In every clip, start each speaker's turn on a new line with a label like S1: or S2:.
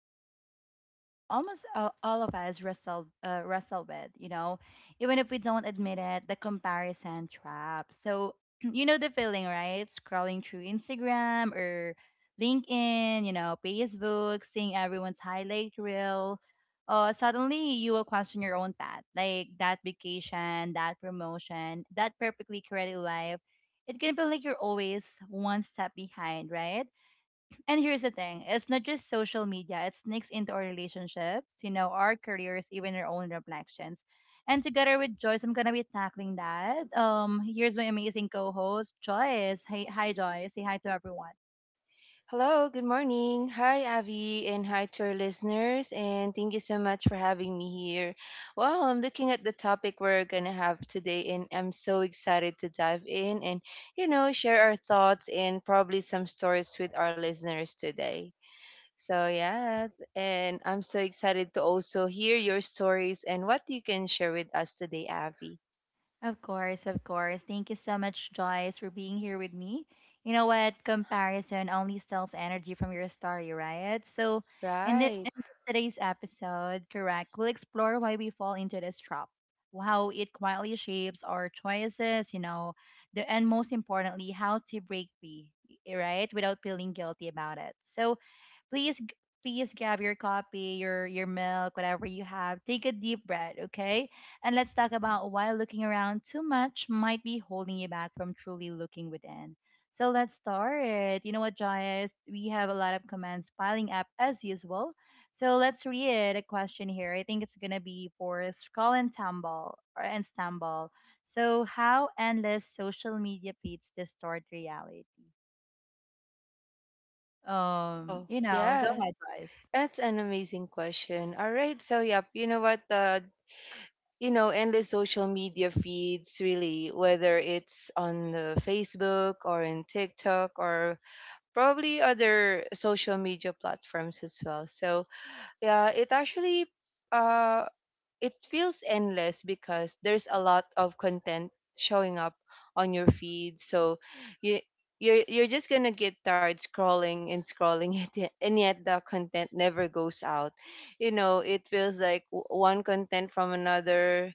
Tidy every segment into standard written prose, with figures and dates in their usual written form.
S1: we're diving into something almost all of us wrestle with, you know, even if we don't admit it, the comparison trap. So, you know the feeling, right? Scrolling through Instagram or LinkedIn, you know, Facebook, seeing everyone's highlight reel. Suddenly, you will question your own path, like that vacation, that promotion, that perfectly created life, it can feel like you're always one step behind, right? And here's the thing, it's not just social media, it sneaks into our relationships, you know, our careers, even our own reflections. And together with Joyce, I'm going to be tackling that. Here's my amazing co host, Joyce. Hey, hi, Joyce. Say hi to everyone.
S2: Hello, good morning. Hi, Avi, and hi to our listeners, and thank you so much for having me here. Well, I'm looking at the topic we're gonna have today, and I'm so excited to dive in, and, share our thoughts and probably some stories with our listeners today. So, yeah, and I'm so excited to also hear your stories and what you can share with us today, Avi.
S1: Of course, of course. Thank you so much, Joyce, for being here with me. You know what? Comparison only steals energy from your story, right? So, in, the,
S2: Right.
S1: in today's episode, correct, we'll explore why we fall into this trap, how it quietly shapes our choices, you know, and most importantly, how to break free, right, without feeling guilty about it. So, please g- please grab your coffee, your milk, whatever you have. Take a deep breath, okay? And let's talk about why looking around too much might be holding you back from truly looking within. So let's start. You know what, Jayas? We have a lot of comments piling up as usual. So let's read a question here. I think it's gonna be for Skull and Tumble or and Stumble. So how endless social media feeds distort reality.
S2: Wow.
S1: You know, go
S2: Yeah,
S1: ahead, guys.
S2: that's an amazing question. All right. So, yep, you know what? Endless social media feeds, really, whether it's on the Facebook or in TikTok or probably other social media platforms as well. So, yeah, it actually, uh, it feels endless because there's a lot of content showing up on your feed, so you you're just gonna get tired scrolling and scrolling, it, and yet the content never goes out. It feels like one content from another.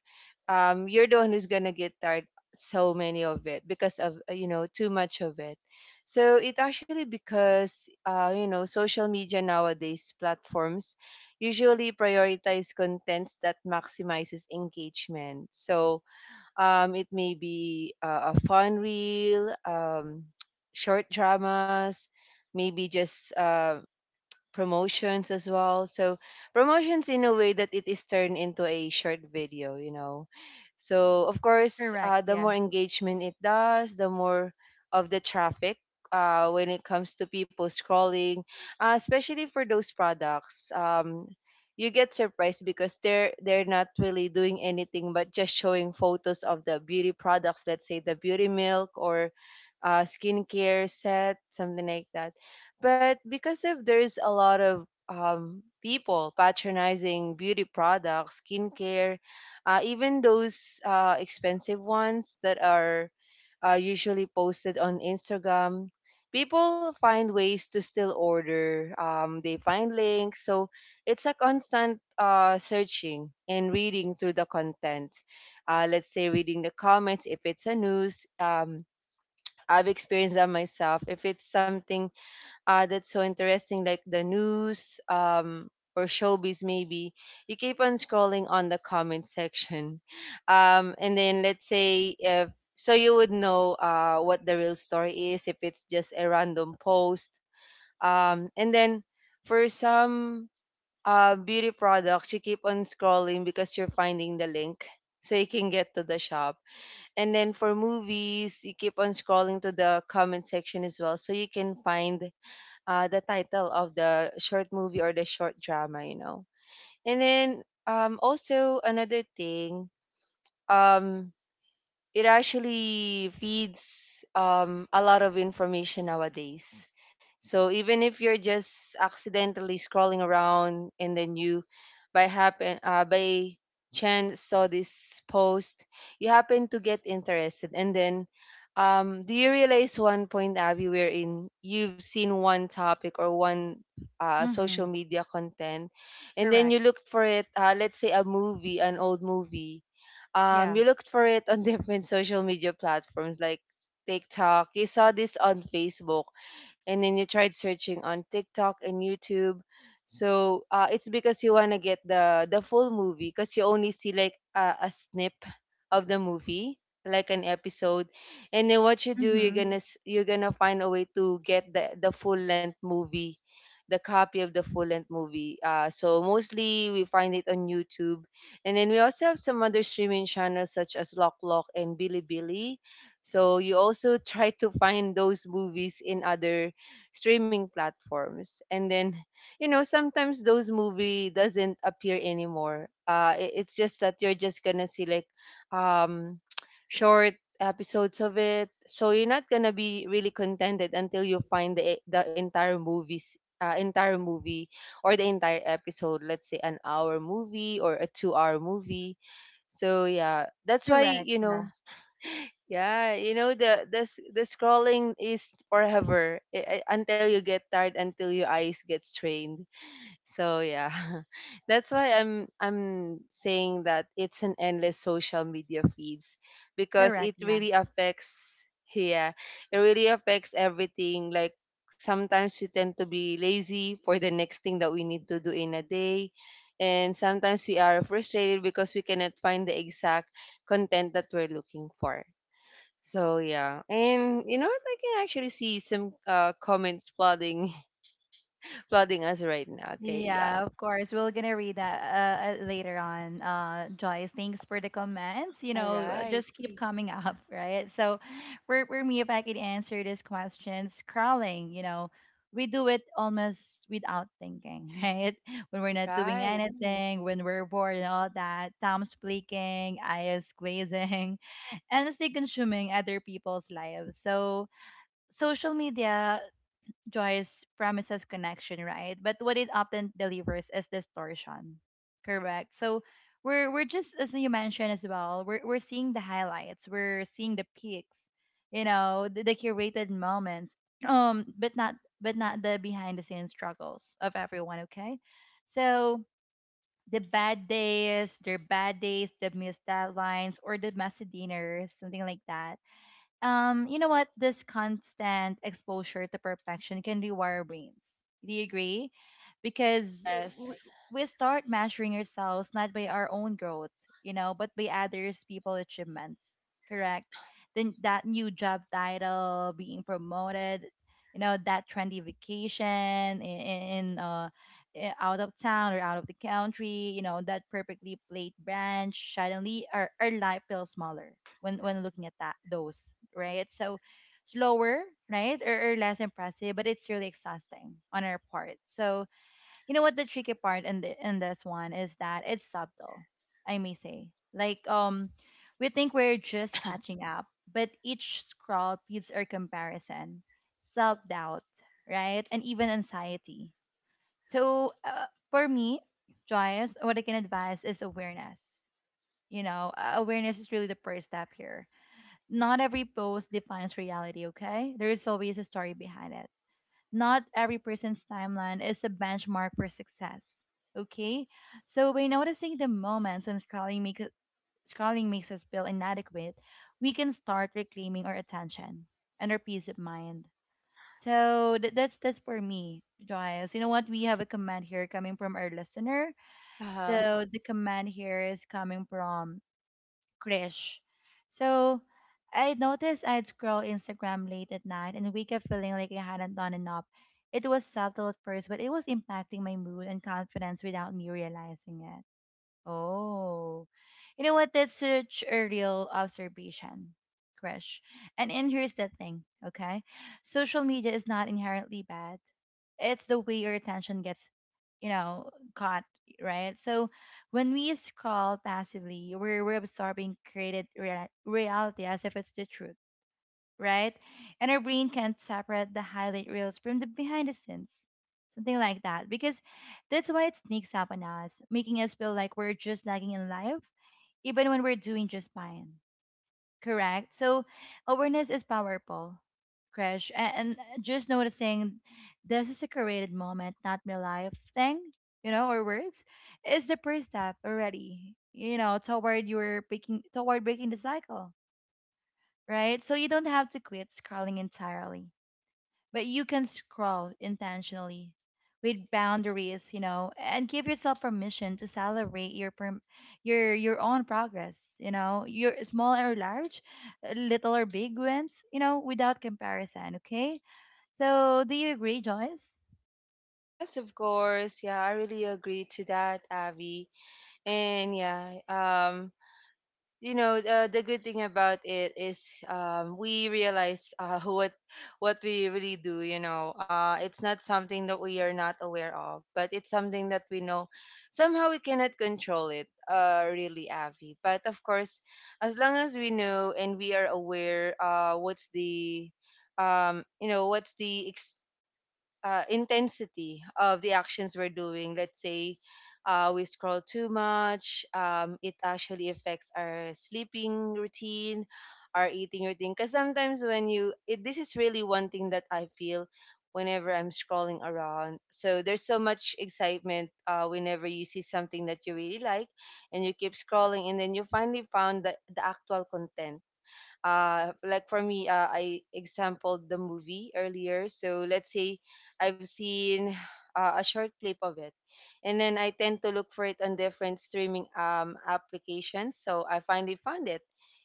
S2: You're the one who's gonna get tired so many of it because of too much of it. So it actually, because social media nowadays platforms usually prioritize contents that maximizes engagement. So, it may be a fun reel, short dramas, maybe just promotions as well. So promotions in a way that it is turned into a short video. So of course,
S1: Correct,
S2: the more
S1: yeah.
S2: engagement it does, the more of the traffic, when it comes to people scrolling, especially for those products. You get surprised because they're not really doing anything but just showing photos of the beauty products, let's say the beauty milk or skincare set, something like that. But because of there's a lot of people patronizing beauty products, skincare, even those expensive ones that are usually posted on Instagram, people find ways to still order. They find links. So it's a constant searching and reading through the content. Let's say reading the comments if it's a news. I've experienced that myself. If it's something that's so interesting, like the news, or showbiz, maybe, you keep on scrolling on the comment section. And then let's say if so, you would know what the real story is if it's just a random post. And then for some beauty products, you keep on scrolling because you're finding the link, so you can get to the shop. And then for movies, you keep on scrolling to the comment section as well, so you can find the title of the short movie or the short drama. And then also another thing, um, it actually feeds a lot of information nowadays. So even if you're just accidentally scrolling around and then you by chance saw this post, you happen to get interested, and then do you realize one point, Abby, wherein you've seen one topic or one
S1: Mm-hmm.
S2: social media content, and then
S1: Correct.
S2: you looked for it, let's say a movie, an old movie.
S1: Yeah.
S2: You looked for it on different social media platforms like TikTok. You saw this on Facebook, and then you tried searching on TikTok and YouTube. So it's because you want to get the full movie, because you only see like a snip of the movie, like an episode. And then what you do, you're
S1: Mm-hmm.
S2: gonna you're gonna find a way to get the full length movie, the copy of the full length movie, so mostly we find it on YouTube. And then we also have some other streaming channels such as Lok Lok and Bilibili. So you also try to find those movies in other streaming platforms. And then, sometimes those movie doesn't appear anymore. It's just that you're just gonna see like, um, short episodes of it. So you're not gonna be really contented until you find the entire movies, entire movie, or the entire episode, let's say an hour movie or a 2-hour movie. So yeah, that's why,
S1: Correct, yeah.
S2: yeah, you know the scrolling is forever, until you get tired, until your eyes get strained. So yeah, that's why I'm saying that it's an endless social media feeds, because
S1: Correct,
S2: it
S1: yeah.
S2: really affects, yeah, it really affects everything. Like sometimes we tend to be lazy for the next thing that we need to do in a day. And sometimes we are frustrated because we cannot find the exact content that we're looking for. So yeah, and you know what? I can actually see some comments flooding flooding us right now. Okay, yeah.
S1: Yeah, of course. We're gonna read that later on. Joyce, thanks for the comments. You
S2: All
S1: know,
S2: right,
S1: just keep coming up, right? So, for me, if I could answer this question, scrolling. You know, we do it almost without thinking, right? When we're not doing
S2: right.
S1: anything, when we're bored and all that, thumbs blinking, eyes glazing, endlessly consuming other people's lives. So social media, Joyce, promises connection, right? But what it often delivers is distortion. Correct. So we're just, as you mentioned as well, we're seeing the highlights, we're seeing the peaks, you know, the curated moments. Um, but not but not the behind the scenes struggles of everyone, okay? So the bad days, their bad days, the missed deadlines, or the messy dinners, something like that. Um, you know what? This constant exposure to perfection can rewire our brains. Do you agree? Because w-
S2: Yes.
S1: we start measuring ourselves not by our own growth, you know, but by others' people achievements. Correct? Then that new job title, being promoted, you know, that trendy vacation in out of town or out of the country, you know, that perfectly played branch, suddenly, our life feels smaller when looking at that those, right? So slower, right? Or less impressive, but it's really exhausting on our part. So you know what, the tricky part in this one is that it's subtle, I may say. Like we think we're just catching up, but each scroll feeds our comparison, self doubt, right? And even anxiety. So for me, Joyce, what I can advise is awareness. You know, awareness is really the first step here. Not every post defines reality, okay? There is always a story behind it. Not every person's timeline is a benchmark for success, okay? So by noticing the moments when scrolling makes us feel inadequate, we can start reclaiming our attention and our peace of mind. So that's for me, Giles. You know what? We have a comment here coming from our listener.
S2: Uh-huh.
S1: So the comment here is coming from Krish. So I noticed I'd scroll Instagram late at night and wake up feeling like I hadn't done enough. It was subtle at first, but it was impacting my mood and confidence without me realizing it. Oh, you know what? That's such a real observation, Krish. And here's the thing, okay? Social media is not inherently bad. It's the way your attention gets, you know, caught, right? So when we scroll passively, we're absorbing created reality as if it's the truth, right? And our brain can't separate the highlight reels from the behind the scenes, something like that. Because that's why it sneaks up on us, making us feel like we're just lagging in life, even when we're doing just fine. Correct? So awareness is powerful, Crash. A- And just noticing this is a created moment, not my life thing, you know, or words, is the first step already, you know, toward breaking the cycle, right? So you don't have to quit scrolling entirely, but you can scroll intentionally with boundaries, you know, and give yourself permission to celebrate your own progress, you know, your small or large, little or big wins, you know, without comparison, okay? So, do you agree, Joyce?
S2: Yes, of course. Yeah, I really agree to that, Avi. And yeah, the good thing about it is, we realize, what we really do. It's not something that we are not aware of, but it's something that we know somehow we cannot control it, really, Avi. But of course, as long as we know and we are aware what's the intensity of the actions we're doing. Let's say we scroll too much, it actually affects our sleeping routine, our eating routine. Because sometimes, this is really one thing that I feel whenever I'm scrolling around. So there's so much excitement whenever you see something that you really like, and you keep scrolling, and then you finally found the actual content. Like for me, I exampled the movie earlier, so let's say I've seen a short clip of it, and then I tend to look for it on different streaming applications, so I finally found it.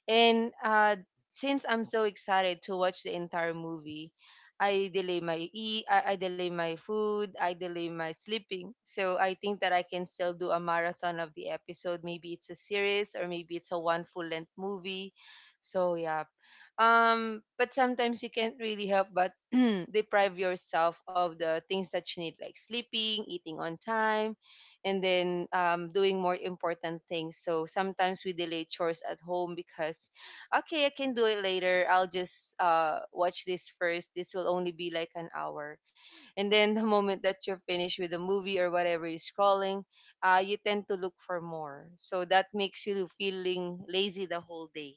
S2: And since I'm so excited to watch the entire movie, I delay my eat, I delay my food, I delay my sleeping. So I think that I can still do a marathon of the episode. Maybe it's a series, or maybe it's a one full length movie, so yeah. But sometimes you can't really help but deprive yourself of the things that you need, like sleeping, eating on time, and then doing more important things. So sometimes we delay chores at home because, okay, I can do it later. I'll just watch this first. This will only be like an hour, and then the moment that you're finished with the movie or whatever you're scrolling, you tend to look for more. So that makes you feeling lazy the whole day.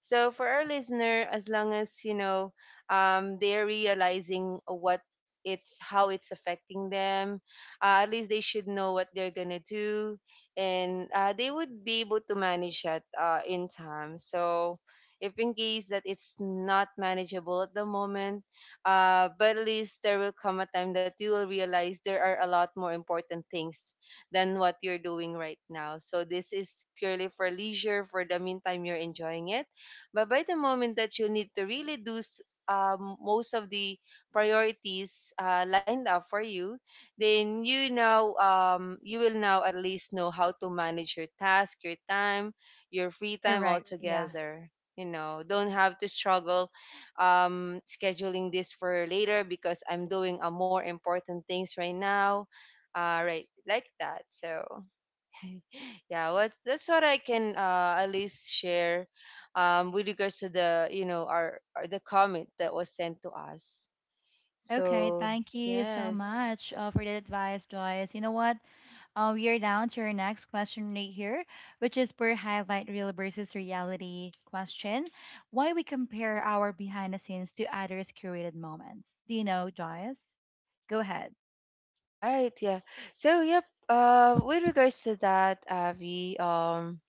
S2: So for our listener, as long as you know, they're realizing what it's how it's affecting them. At least they should know what they're gonna do, and they would be able to manage that in time. So if in case that it's not manageable at the moment, but at least there will come a time that you will realize there are a lot more important things than what you're doing right now. So this is purely for leisure. For the meantime, you're enjoying it. But by the moment that you need to really do most of the priorities lined up for you, then you will now at least know how to manage your task, your time, your free time
S1: Correct. Yeah.
S2: altogether. You know, don't have to struggle scheduling this for later because I'm doing a more important things right now. Right, like that. So yeah, what's that's what I can at least share, with regards to the, our the comment that was sent to us.
S1: Okay,
S2: So
S1: thank you so
S2: yes,
S1: much for that advice, Joyce. You know what? We are down to our next question right here, which is per highlight real versus reality question. Why we compare our behind the scenes to others' curated moments? Do you know, Joyce? Go ahead.
S2: right, yeah. So yep. With regards to that, Avi,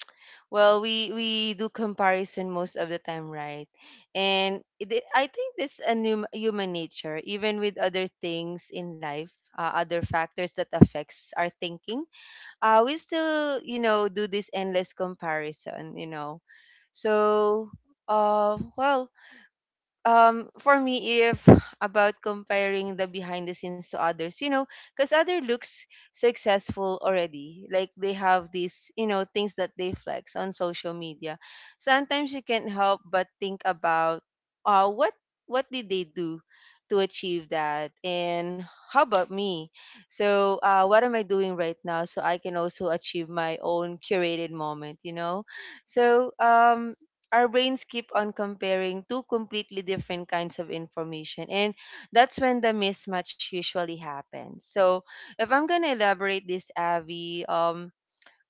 S2: well, we do comparison most of the time, right? And I think this a new human nature, even with other things in life, other factors that affects our thinking. We still, do this endless comparison. So, well, for me, if about comparing the behind the scenes to others, because other looks successful already, like they have these, things that they flex on social media, sometimes you can't help but think about uh what what did they do to achieve that, and how about me? So what am I doing right now, so I can also achieve my own curated moment? So our brains keep on comparing two completely different kinds of information, and that's when the mismatch usually happens. So if I'm going to elaborate this, Avi,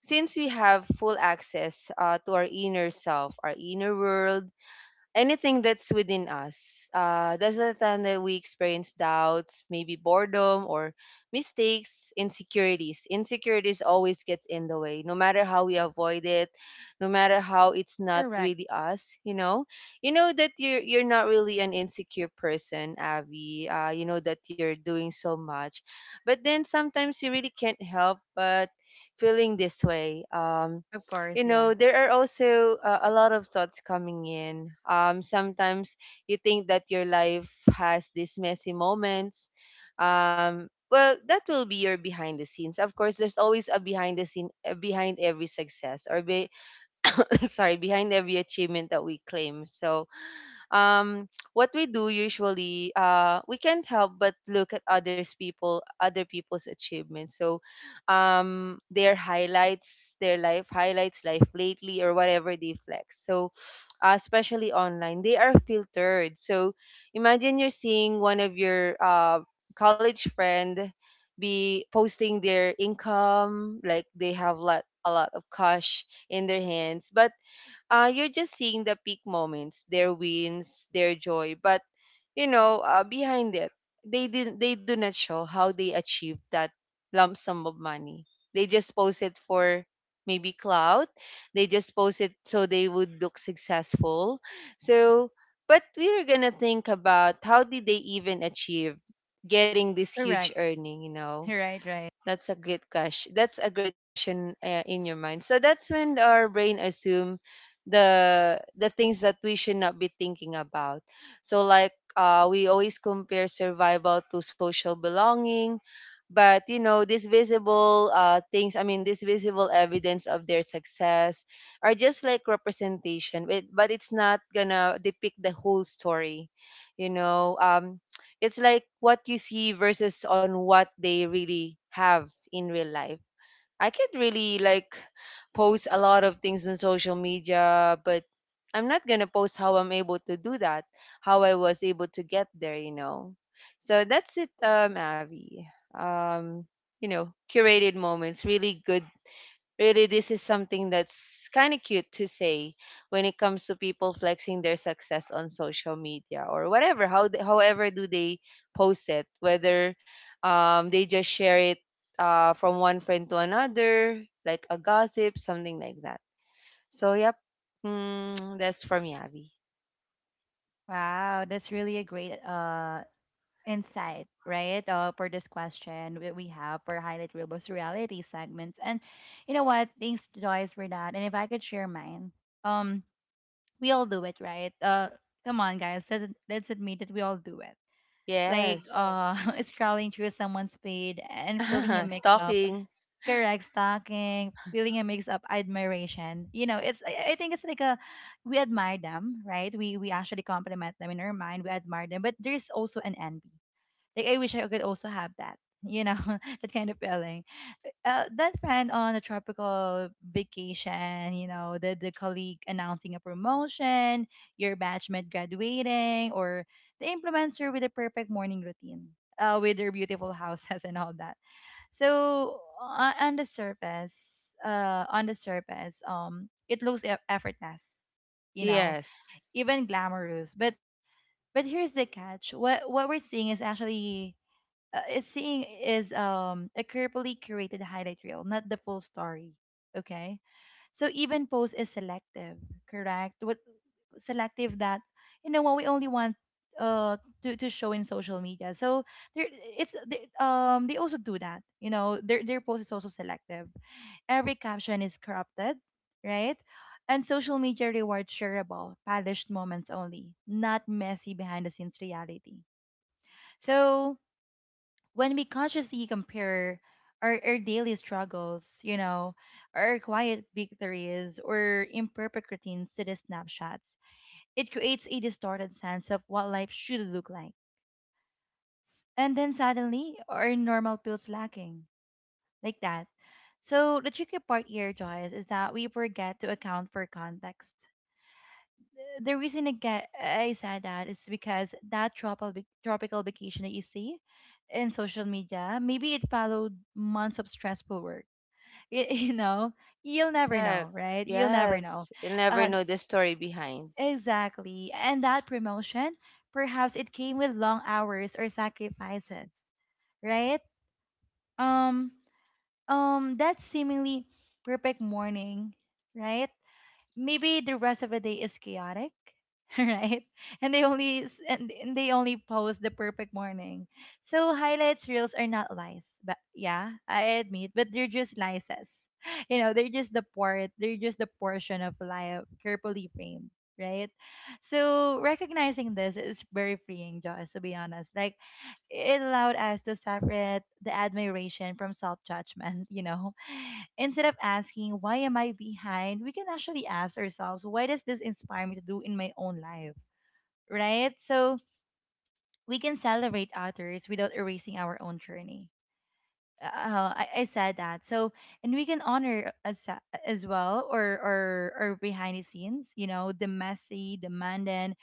S2: since we have full access to our inner self, our inner world, anything that's within us. That's the time that we experience doubts, maybe boredom or mistakes, insecurities. Insecurities always gets in the way, no matter how we avoid it, no matter how it's not
S1: Correct.
S2: really us. You know that you're not really an insecure person, Avi. You know that you're doing so much, but then sometimes you really can't help but feeling this way. Um,
S1: Of
S2: you
S1: course, yeah.
S2: know there are also a lot of thoughts coming in. Sometimes you think that your life has these messy moments. Um well, that will be your behind the scenes. Of course there's always a behind the scene behind every success or sorry, behind every achievement that we claim. So um what we do usually, we can't help but look at other people's achievements. So their highlights, their life highlights life lately, or whatever they flex. So especially online, they are filtered. So imagine you're seeing one of your college friend be posting their income, like they have lot a lot of cash in their hands. But you're just seeing the peak moments, their wins, their joy. But you know, behind it, they didn't. They do not show how they achieved that lump sum of money. They just post it for maybe clout. They just post it so they would look successful. So, but we are gonna think about, how did they even achieve getting this huge
S1: Correct.
S2: earning? You know,
S1: Right, right.
S2: that's a great question. That's a great question in your mind. So that's when our brain assume the things that we should not be thinking about. So like we always compare survival to social belonging, but you know these visible things. I mean, these visible evidence of their success are just like representation, but it's not gonna depict the whole story. You know, um, it's like what you see versus on what they really have in real life. I could really like post a lot of things on social media, but I'm not gonna post how I'm able to do that, how I was able to get there, you know. So that's it, Avi. Um, you know, curated moments, really good. Really, this is something that's kind of cute to say when it comes to people flexing their success on social media or whatever. How they, however do they post it? Whether they just share it from one friend to another, like a gossip, something like that. So yep, that's from Yavi.
S1: Wow, that's really a great insight, right? For this question that we have for highlight real versus reality segments. And you know what? Thanks, Joyce, for that. And if I could share mine, um, we all do it, right? Come on, guys. Let's admit that we all do it. Like yes.
S2: Yes,
S1: Scrolling through someone's feed and feeling a mix up,
S2: stalking.
S1: correct, stalking, feeling a mix up admiration. You know, it's, I think it's like a, we admire them, right? We actually compliment them in our mind. We admire them, but there's also an envy, like I wish I could also have that. You know, that kind of feeling. That friend on a tropical vacation, you know, the colleague announcing a promotion, your batchmate graduating, or the influencer with the perfect morning routine, with their beautiful houses and all that. So on the surface, it looks effortless, you know,
S2: Yes,
S1: even glamorous. But here's the catch: what we're seeing is actually is seeing is a carefully curated highlight reel, not the full story. Okay, so even post is selective, correct? What selective, that you know what we only want uh to show in social media. So there it's they, um, they also do that. You know, their post is also selective. Every caption is corrupted, right? And social media rewards shareable, polished moments only, not messy behind the scenes reality. So when we consciously compare our daily struggles, you know, our quiet victories or imperfect routines to the snapshots, it creates a distorted sense of what life should look like. And then suddenly, our normal feels lacking, like that. So, the tricky part here, Joyce, is that we forget to account for context. The reason again I said that is because that tropical vacation that you see in social media, maybe it followed months of stressful work. You know, you'll never
S2: heck,
S1: know, right? You'll never know.
S2: yes. You'll never
S1: Uh,
S2: know the story behind.
S1: exactly. And that promotion, perhaps it came with long hours or sacrifices, right? Um, that seemingly perfect morning, right? Maybe the rest of the day is chaotic, right, and and they only post the perfect morning. So highlights reels are not lies, but yeah, I admit, but they're just slices. You know, they're just the portion of life carefully framed, right? So recognizing this is very freeing, Josh, to be honest. Like it allowed us to separate the admiration from self judgment, you know. Instead of asking, why am I behind? We can actually ask ourselves, why does this inspire me to do in my own life? Right? So we can celebrate others without erasing our own journey. I said that. So, and we can honor as well, or behind the scenes, you know, the messy, demanding,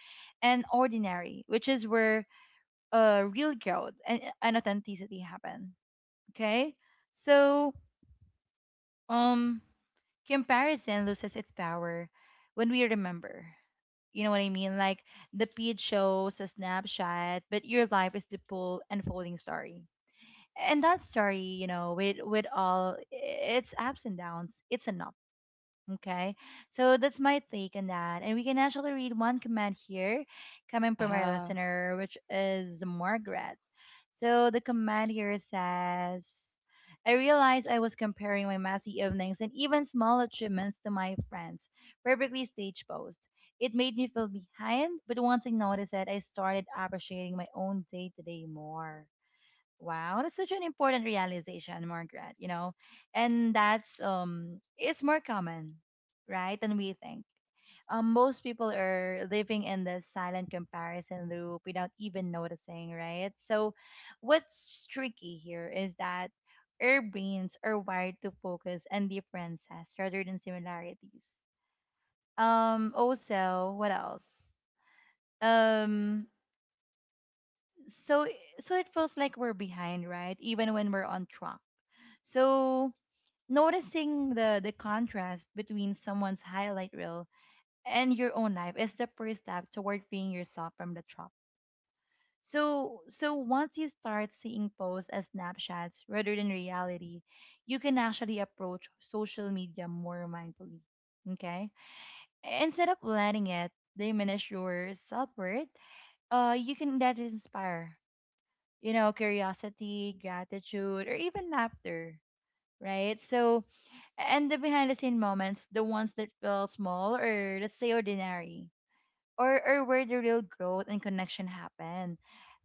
S1: and ordinary, which is where real growth and authenticity happen. Okay? So, um comparison loses its power when we remember. You know what I mean? Like the feed shows a snapshot, but your life is the full unfolding story. And that story, you know, with all its ups and downs, it's enough. Okay. So that's my take on that. And we can actually read one comment here coming from our
S2: Aha.
S1: listener, which is Margaret. So the command here says, I realized I was comparing my messy evenings and even small achievements to my friends. Perfectly stage post. It made me feel behind, but once I noticed it, I started appreciating my own day to day more. Wow, that's such an important realization, Margaret, you know? And that's it's more common, right, than we think. Most people are living in this silent comparison loop without even noticing, right? So, what's tricky here is that our brains are wired to focus on differences rather than similarities. Also, what else? Um, so so it feels like we're behind, right? Even when we're on track. So noticing the contrast between someone's highlight reel and your own life is the first step toward freeing yourself from the trap. So, once you start seeing posts as snapshots rather than reality, you can actually approach social media more mindfully. Okay, instead of letting it diminish your self worth, you can let it inspire, you know, curiosity, gratitude, or even laughter. Right. So, and the behind the scene moments, the ones that feel small or let's say ordinary or where the real growth and connection happen.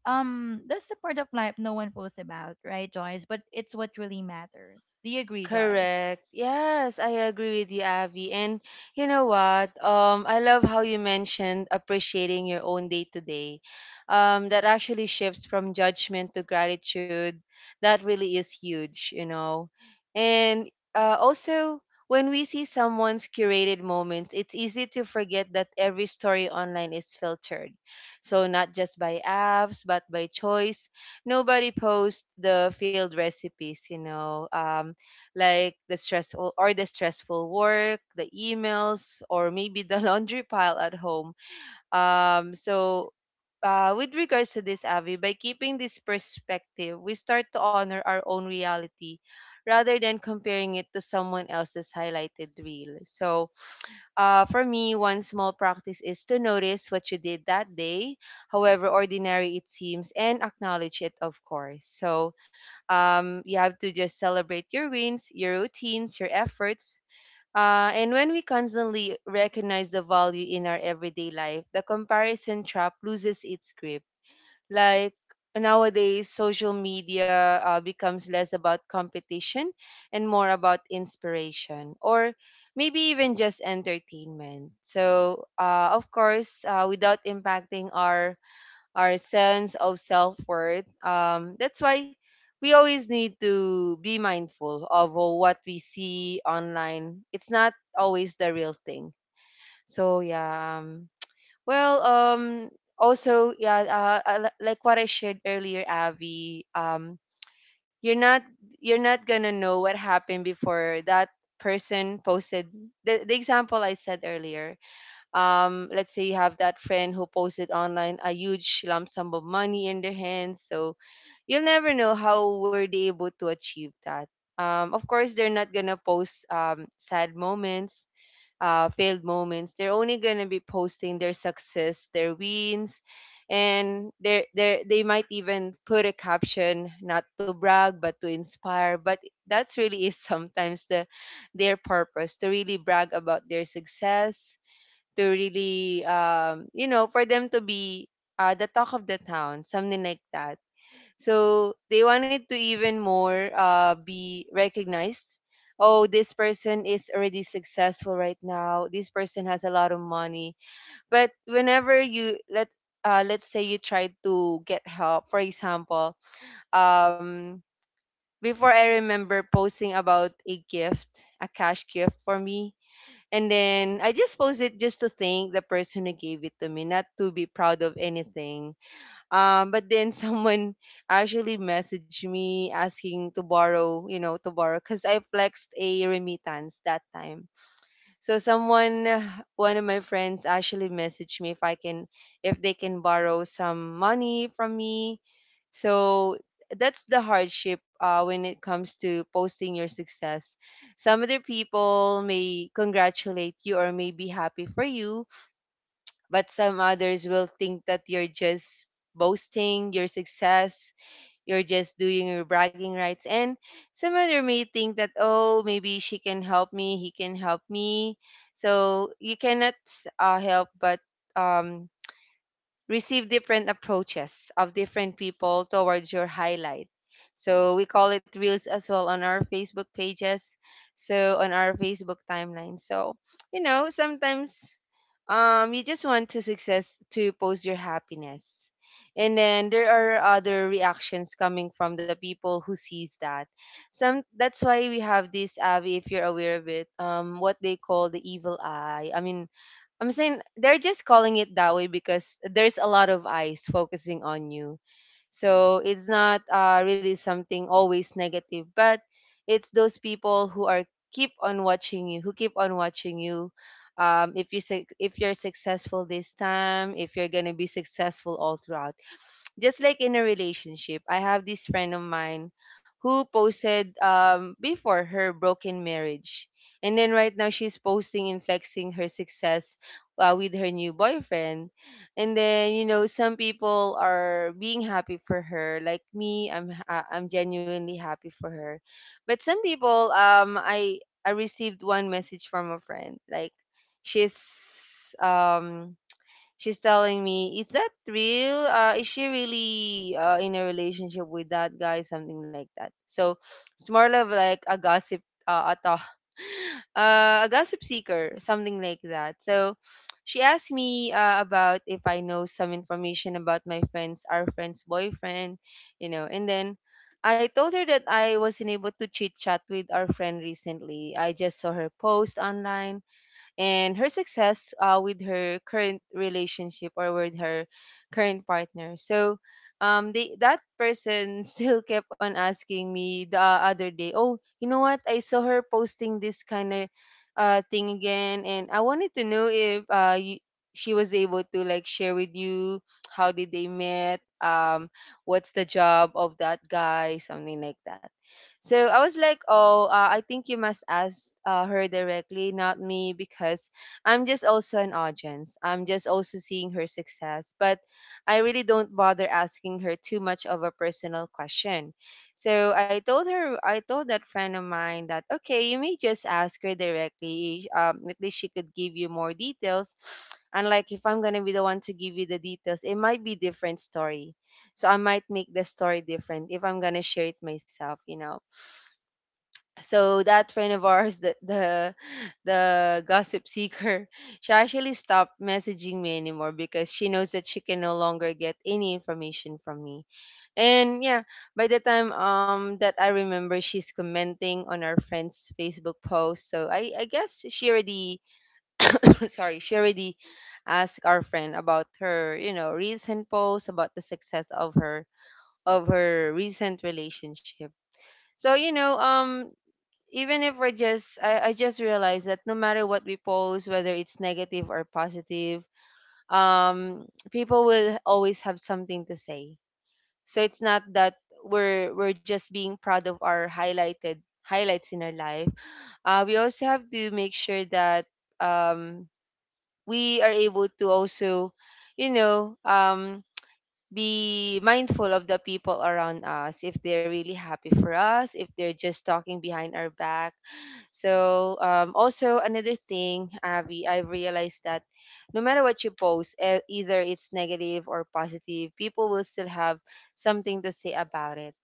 S1: That's the part of life no one posts about, right, Joyce? But it's what really matters. Do you agree, Joyce?
S2: Correct. Yes, I agree with you, Avi. And you know what? I love how you mentioned appreciating your own day to day. That actually shifts from judgment to gratitude. That really is huge, you know. And also, when we see someone's curated moments, it's easy to forget that every story online is filtered. So not just by apps, but by choice. Nobody posts the failed recipes, you know. Like the stressful or the stressful work, the emails, or maybe the laundry pile at home. Um, so with regards to this, Avi, by keeping this perspective, we start to honor our own reality rather than comparing it to someone else's highlighted reel. So for me, one small practice is to notice what you did that day, however ordinary it seems, and acknowledge it, of course. So you have to just celebrate your wins, your routines, your efforts. And when we constantly recognize the value in our everyday life, the comparison trap loses its grip. Like nowadays social media becomes less about competition and more about inspiration or maybe even just entertainment. So of course, without impacting our sense of self-worth, that's why we always need to be mindful of what we see online. It's not always the real thing. So yeah well, also, yeah, li- like what I shared earlier, Avi, you're not gonna know what happened before that person posted the example I said earlier. Let's say you have that friend who posted online a huge lump sum of money in their hands, so you'll never know how were they able to achieve that. Of course, they're not gonna post sad moments, failed moments. They're only going to be posting their success, their wins, and they might even put a caption not to brag but to inspire. But that's really is sometimes the their purpose to really brag about their success, to really you know, for them to be the talk of the town, something like that. So they wanted to even more be recognized. Oh, this person is already successful right now. This person has a lot of money. But whenever you let let's say you try to get help, for example, um, before, I remember posting about a gift, a cash gift for me, and then I just posted just to thank the person who gave it to me, not to be proud of anything, but then someone actually messaged me asking to borrow, you know, to borrow because I flexed a remittance that time. So someone, one of my friends actually messaged me if I can, if they can borrow some money from me. So that's the hardship when it comes to posting your success. Some other people may congratulate you or may be happy for you, but some others will think that you're just boasting your success, you're just doing your bragging rights, and some other may think that, oh, maybe she can help me, he can help me. So you cannot help but um receive different approaches of different people towards your highlight. So we call it reels as well on our Facebook pages, so on our Facebook timeline. So, you know, sometimes you just want to success to post your happiness. And then there are other reactions coming from the people who sees that. Some that's why we have this Abby, if you're aware of it, what they call the evil eye. I mean, I'm saying they're just calling it that way because there's a lot of eyes focusing on you. So it's not really something always negative, but it's those people who are keep on watching you, who keep on watching you. If you suc- if you're successful this time, if you're gonna be successful all throughout, just like in a relationship, I have this friend of mine who posted before her broken marriage. And then right now she's posting and flexing her success with her new boyfriend. And then, you know, some people are being happy for her. Like me, I'm genuinely happy for her. But some people, I received one message from a friend like she's um she's telling me, "Is that real? Is she really in a relationship with that guy? Something like that." So it's more of like a gossip, uh, ato, a gossip seeker, something like that. So she asked me about if I know some information about my friends, our friend's boyfriend, you know, and then. I told her that I wasn't able to chit chat with our friend recently. I just saw her post online and her success with her current relationship or with her current partner. So that person still kept on asking me the other day, oh, you know what? I saw her posting this kind of thing again, and I wanted to know if she was able to like share with you how did they met, what's the job of that guy, something like that. So I was like, oh, I think you must ask her directly, not me, because I'm just also an audience. I'm just also seeing her success, but I really don't bother asking her too much of a personal question. So I told her, I told that friend of mine that, okay, you may just ask her directly. At least she could give you more details. And like, if I'm gonna be the one to give you the details, it might be different story. So I might make the story different if I'm gonna share it myself, so that friend of ours the gossip seeker she actually stopped messaging me anymore because she knows that she can no longer get any information from me, and yeah, by the time that I remember, she's commenting on our friend's Facebook post. So I guess she already sorry, she already asked our friend about her recent post about the success of her recent relationship. So even if we're just I just realized that no matter what we post, whether it's negative or positive, people will always have something to say. So it's not that we're just being proud of our highlighted highlights in our life. We also have to make sure that um we are able to also you know um be mindful of the people around us, if they're really happy for us, if they're just talking behind our back. So also another thing, Avi, I realized that no matter what you post, either it's negative or positive, people will still have something to say about it.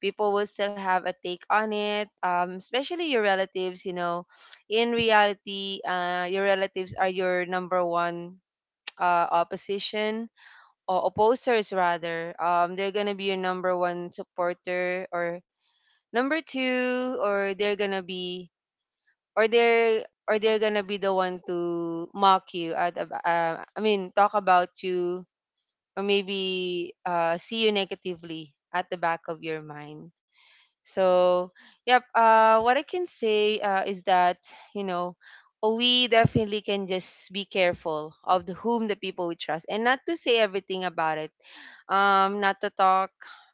S2: People will still have a take on it, especially your relatives, you know. In reality, your relatives are your number one opposition or opposers rather. They're gonna be your number one supporter or number two, or they're gonna be or they're gonna be the one to mock you at I mean, talk about you, or maybe see you negatively at the back of your mind. So, yep. What I can say is that, you know we definitely can just be careful of the whom the people we trust, and not to say everything about it. Not to talk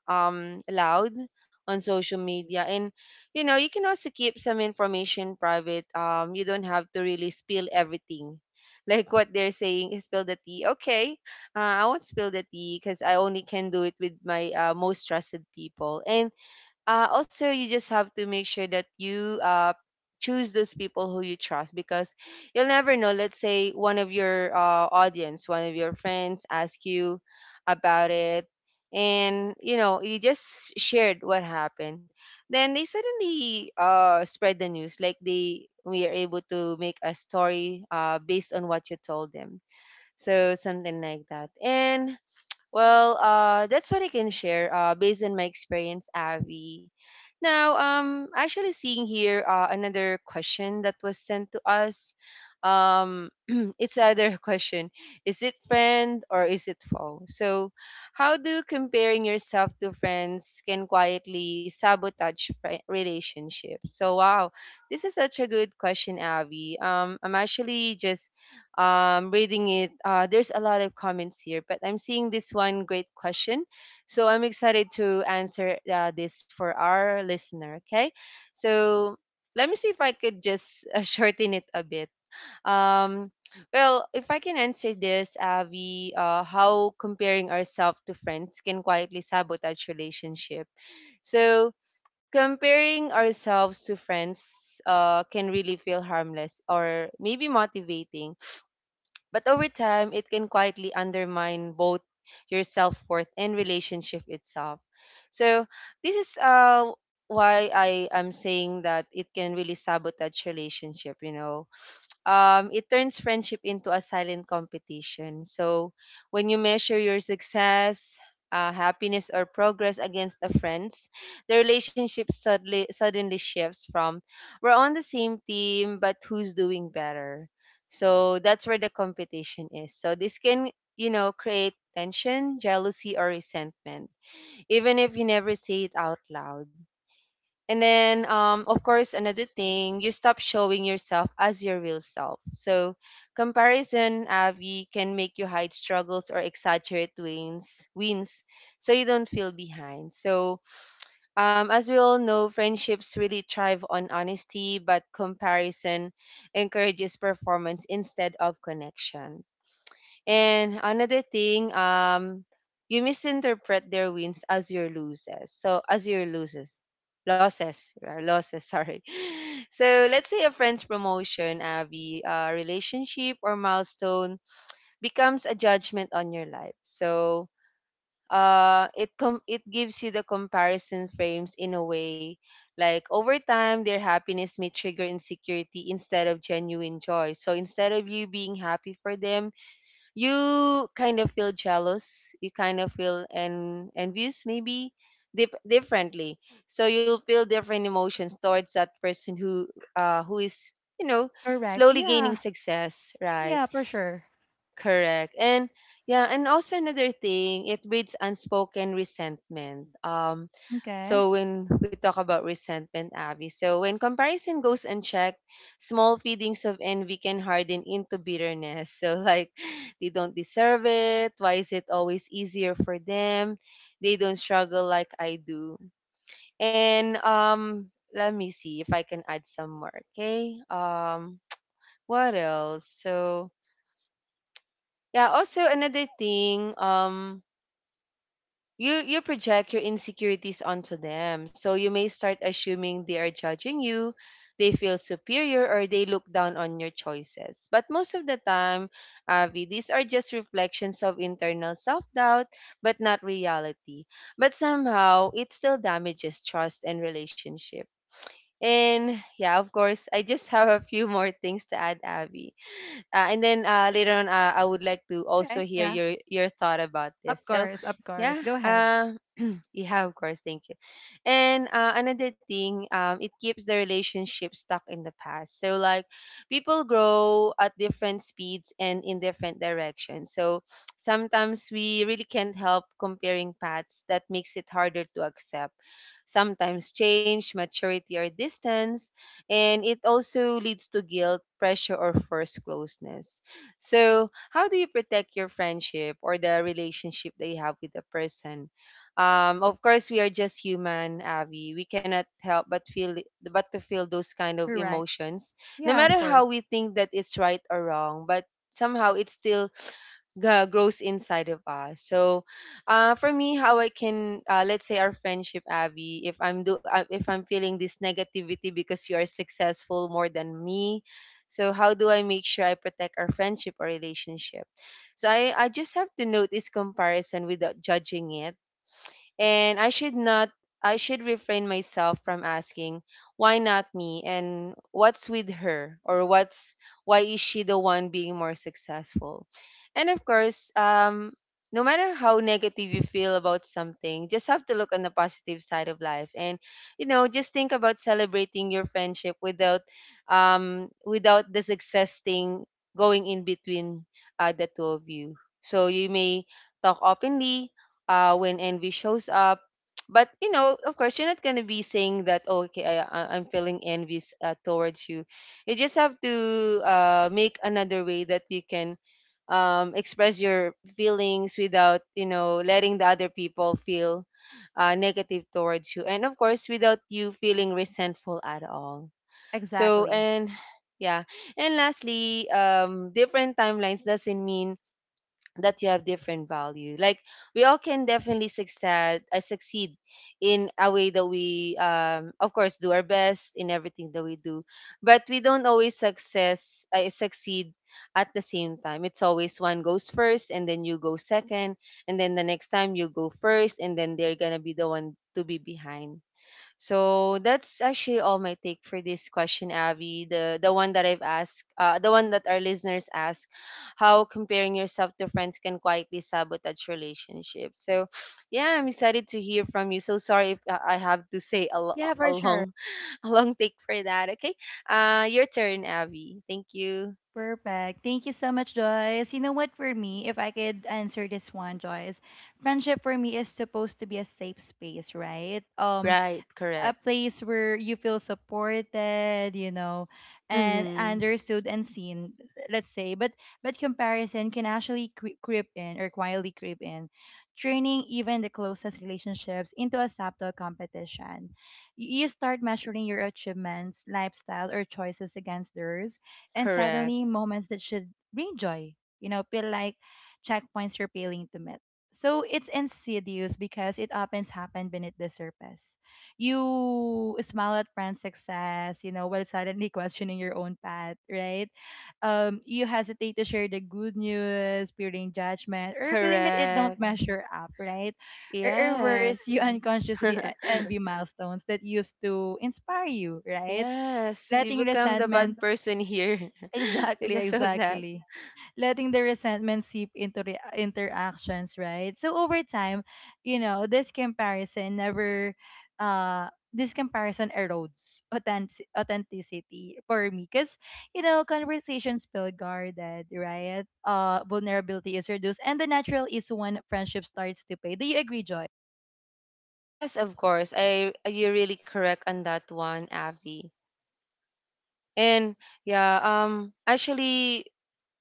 S2: loud on social media, and you know you can also keep some information private. You don't have to really spill everything. Like what they're saying, is spill the tea. Okay, I won't spill the tea because I only can do it with my most trusted people. And also you just have to make sure that you choose those people who you trust, because you'll never know, let's say one of your audience, one of your friends ask you about it, and you know you just shared what happened, then they suddenly spread the news, like they we are able to make a story based on what you told them. So something like that. And well, that's what I can share based on my experience, Avi. Now, actually seeing here another question that was sent to us. Um, it's either a question: is it friend or is it foe? So, how do comparing yourself to friends can quietly sabotage relationships? So, wow, this is such a good question, Avi. I'm actually just reading it, there's a lot of comments here, but I'm seeing this one great question. So I'm excited to answer this for our listener. Okay. So let me see if I could just shorten it a bit. Um, well, if I can answer this, Avi, how comparing ourselves to friends can quietly sabotage relationship. So, comparing ourselves to friends can really feel harmless or maybe motivating, but over time, it can quietly undermine both your self worth and relationship itself. So, this is why I am saying that it can really sabotage relationship, you know. It turns friendship into a silent competition. So when you measure your success, happiness or progress against a friend's, the relationship suddenly shifts from we're on the same team but who's doing better. So that's where the competition is. So this can, you know, create tension, jealousy or resentment, even if you never say it out loud. And then, of course, another thing, you stop showing yourself as your real self. So, comparison, Avi, can make you hide struggles or exaggerate wins so you don't feel behind. So, as we all know, friendships really thrive on honesty, but comparison encourages performance instead of connection. And another thing, you misinterpret their wins as your loses. So as your loses, losses, losses. Sorry. So let's say a friend's promotion, Abby, relationship or milestone becomes a judgment on your life. So it gives you the comparison frames in a way. Like over time, their happiness may trigger insecurity instead of genuine joy. So instead of you being happy for them, you kind of feel jealous, you kind of feel envious, maybe differently. So you'll feel different emotions towards that person who is, you know,
S1: Correct.
S2: slowly gaining
S1: Yeah.
S2: success, right?
S1: Yeah, for sure.
S2: Correct. And yeah, and also another thing, it breeds unspoken resentment.
S1: Okay.
S2: So when we talk about resentment, Abby, so when comparison goes unchecked, small feelings of envy can harden into bitterness. So like they don't deserve it. Why is it always easier for them? They don't struggle like I do. And let me see if I can add some more. Okay. What else? So yeah, also another thing, you project your insecurities onto them. So you may start assuming they are judging you, they feel superior or they look down on your choices. But most of the time, Avi, these are just reflections of internal self-doubt but not reality. But somehow it still damages trust and relationship. And yeah, of course, I just have a few more things to add, Avi. And then later on, I would like to also
S1: Okay.
S2: hear
S1: Yeah.
S2: your thought about this.
S1: Of
S2: So,
S1: course. Of
S2: yeah.
S1: course. Go ahead.
S2: Yeah, of course. Thank you. And another thing, it keeps the relationship stuck in the past. So, like, people grow at different speeds and in different directions. So, sometimes we really can't help comparing paths that makes it harder to accept. Sometimes change, maturity, or distance. And it also leads to guilt, pressure, or forced closeness. So, how do you protect your friendship or the relationship that you have with the person? Of course, we are just human, Avi, we cannot help but feel but to feel those kind of
S1: Correct.
S2: emotions, no
S1: Yeah, of
S2: matter how
S1: course.
S2: we think that it's right or wrong, but somehow it still grows inside of us. So for me, how I can let's say our friendship, Abby. If I'm do if I'm feeling this negativity because you are successful more than me, so how do I make sure I protect our friendship or relationship? So I just have to notice comparison without judging it, and I should not, I should refrain myself from asking why not me, and what's with her, or what's, why is she the one being more successful. And of course, no matter how negative you feel about something, just have to look on the positive side of life, and you know, just think about celebrating your friendship without without the success thing going in between the two of you. So you may talk openly when envy shows up. But you know, of course, you're not gonna be saying that. "Oh, okay, I'm feeling envious towards you." You just have to make another way that you can express your feelings without, you know, letting the other people feel negative towards you, and of course, without you feeling resentful at all. So,
S1: Exactly.
S2: and yeah, and lastly, different timelines doesn't mean that you have different value. Like we all can definitely succeed succeed in a way that we, of course, do our best in everything that we do, but we don't always success succeed at the same time. It's always one goes first and then you go second, and then the next time you go first and then they're gonna be the one to be behind. So that's actually all my take for this question, Abby. The one that I've asked, the one that our listeners ask, how comparing yourself to friends can quietly sabotage relationships. So, yeah, I'm excited to hear from you. So sorry if I have to say
S1: Yeah,
S2: a
S1: for sure.
S2: long, a long take for that. Okay, your turn, Abby. Thank you.
S1: Perfect. Thank you so much, Joyce. You know what, for me, if I could answer this one, Joyce, friendship for me is supposed to be a safe space, right? Um,
S2: Right, correct.
S1: a place where you feel supported, you know, and
S2: Mm-hmm.
S1: understood and seen, let's say. But comparison can actually creep in or quietly creep in, turning even the closest relationships into a subtle competition. You start measuring your achievements, lifestyle, or choices against theirs, and
S2: Correct,
S1: suddenly moments that should bring joy, you know, feel like checkpoints you're failing to meet. So it's insidious because it often happens beneath the surface. You smile at brand success, you know, while suddenly questioning your own path, right? You hesitate to share the good news, fearing judgment, or feeling that it don't
S2: correct.
S1: measure up, right? Or worse, you
S2: Yes.
S1: unconsciously envy milestones that used to inspire you, right?
S2: Yes, you
S1: Letting
S2: become the
S1: resentment,
S2: bad person here
S1: exactly,
S2: because of that.
S1: exactly, letting the resentment seep into the interactions, right? So over time, you know, this comparison never this comparison erodes authenticity for me because, you know, conversations feel guarded, right? Vulnerability is reduced and the natural is when friendship starts to pay. Do you agree, Joy?
S2: Yes, of course. I you're really correct on that one, Avi. And yeah, actually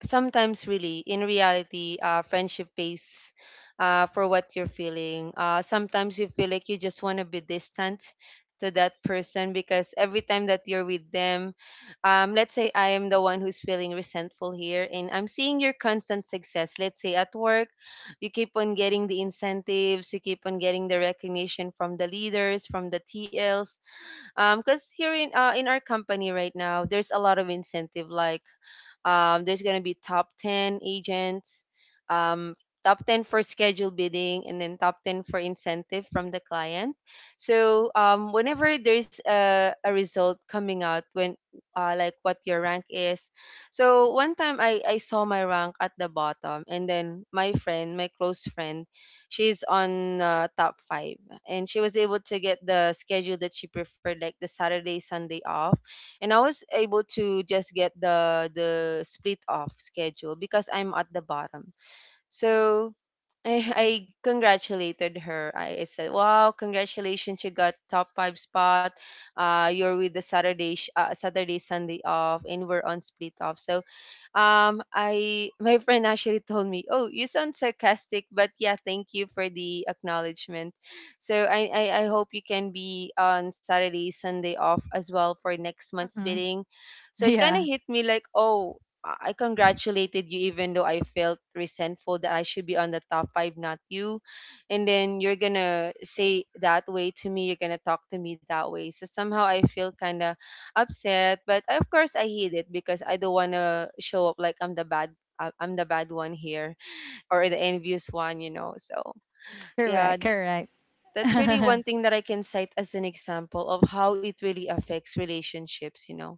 S2: sometimes really in reality friendship pays for what you're feeling. Sometimes you feel like you just want to be distant to that person because every time that you're with them, let's say I am the one who's feeling resentful here and I'm seeing your constant success, let's say at work. You keep on getting the incentives, you keep on getting the recognition from the leaders, from the T Ls, because here in our company right now there's a lot of incentive like, there's going to be top 10 agents, um, top 10 for scheduled bidding, and then top 10 for incentive from the client. So whenever there's a result coming out, when like what your rank is. So one time I saw my rank at the bottom, and then my friend, my close friend, she's on top five, and she was able to get the schedule that she preferred, like the Saturday, Sunday off. And I was able to just get the split off schedule because I'm at the bottom. So I congratulated her. I said, "Wow, congratulations! You got top five spot. You're with the Saturday, Sunday off, and we're on split off." So, I, my friend actually told me, "Oh, you sound sarcastic, but yeah, thank you for the acknowledgement." So I hope you can be on Saturday, Sunday off as well for next month's
S1: Hmm.
S2: bidding. So it kind of
S1: Yeah.
S2: hit me like, "Oh, I congratulated you even though I felt resentful that I should be on the top five, not you. And then you're gonna say that way to me, you're gonna talk to me that way." So somehow I feel kinda upset, but I, of course I hate it, because I don't wanna show up like I'm the I'm the bad one here, or the envious one, you know. So yeah,
S1: Correct, correct.
S2: that's really one thing that I can cite as an example of how it really affects relationships, you know.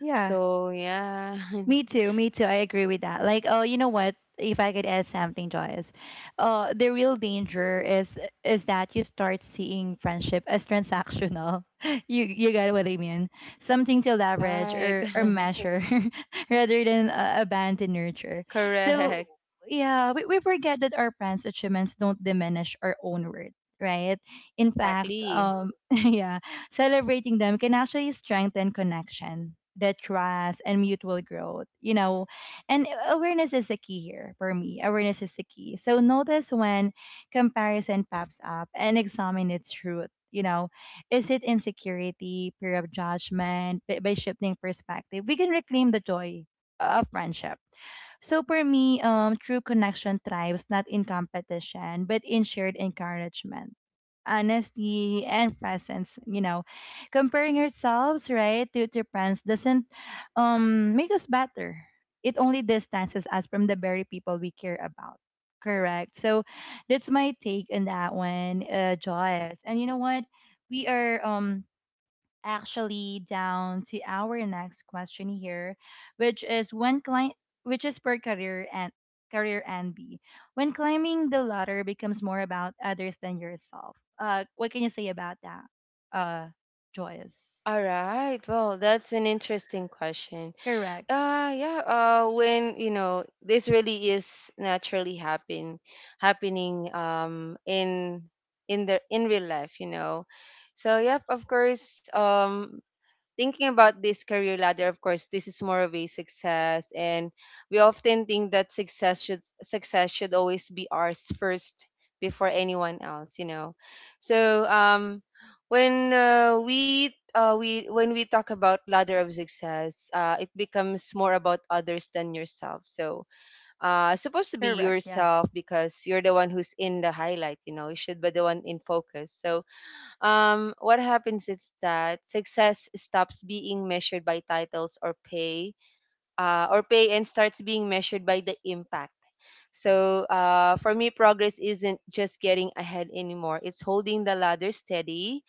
S1: Yeah.
S2: So yeah,
S1: Me too, me too. I agree with that. Like, oh, you know what? If I could add something, Joyce, the real danger is that you start seeing friendship as transactional. You got what I mean? Something to leverage
S2: right.
S1: or measure, rather than a band to nurture. So
S2: Correct.
S1: yeah, we forget that our friends' achievements don't diminish our own worth, right? In fact,
S2: Exactly.
S1: yeah, celebrating them can actually strengthen connection, the trust, and mutual growth, you know. And awareness is the key here for me. Awareness is the key. So notice when comparison pops up and examine its truth. You know, is it insecurity, fear of judgment? By shifting perspective, we can reclaim the joy of friendship. So for me, true connection thrives not in competition, but in shared encouragement, honesty and presence, you know. Comparing ourselves, right, to friends doesn't make us better. It only distances us from the very people we care about. Correct. So that's my take on that one, uh, Joyce. And you know what, we are actually down to our next question here, which is which is per career and career and B. When climbing the ladder becomes more about others than yourself. What can you say about that? Uh, Joyous.
S2: All right. Well, that's an interesting question.
S1: Correct.
S2: Yeah, when, you know, this really is naturally happening in real life, you know. So, yep, of course, thinking about this career ladder, of course, this is more of a success, and we often think that success should always be ours first before anyone else, you know. So when we talk about ladder of success, it becomes more about others than yourself. So supposed to be
S1: Correct. Yeah.
S2: yourself, because you're the one who's in the highlight. You know, you should be the one in focus. So what happens is that success stops being measured by titles or pay, and starts being measured by the impact. So for me, progress isn't just getting ahead anymore. It's holding the ladder steady,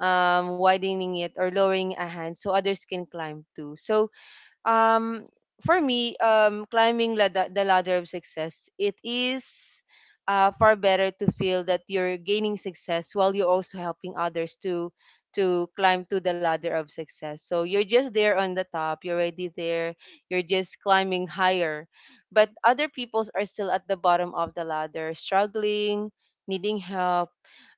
S2: widening it, or lowering a hand so others can climb too. So um for me climbing lada the ladder of success, it is far better to feel that you're gaining success while you're also helping others to climb to the ladder of success. So you're just there on the top, you're already there, you're just climbing higher, but other peoples are still at the bottom of the ladder, struggling, needing help.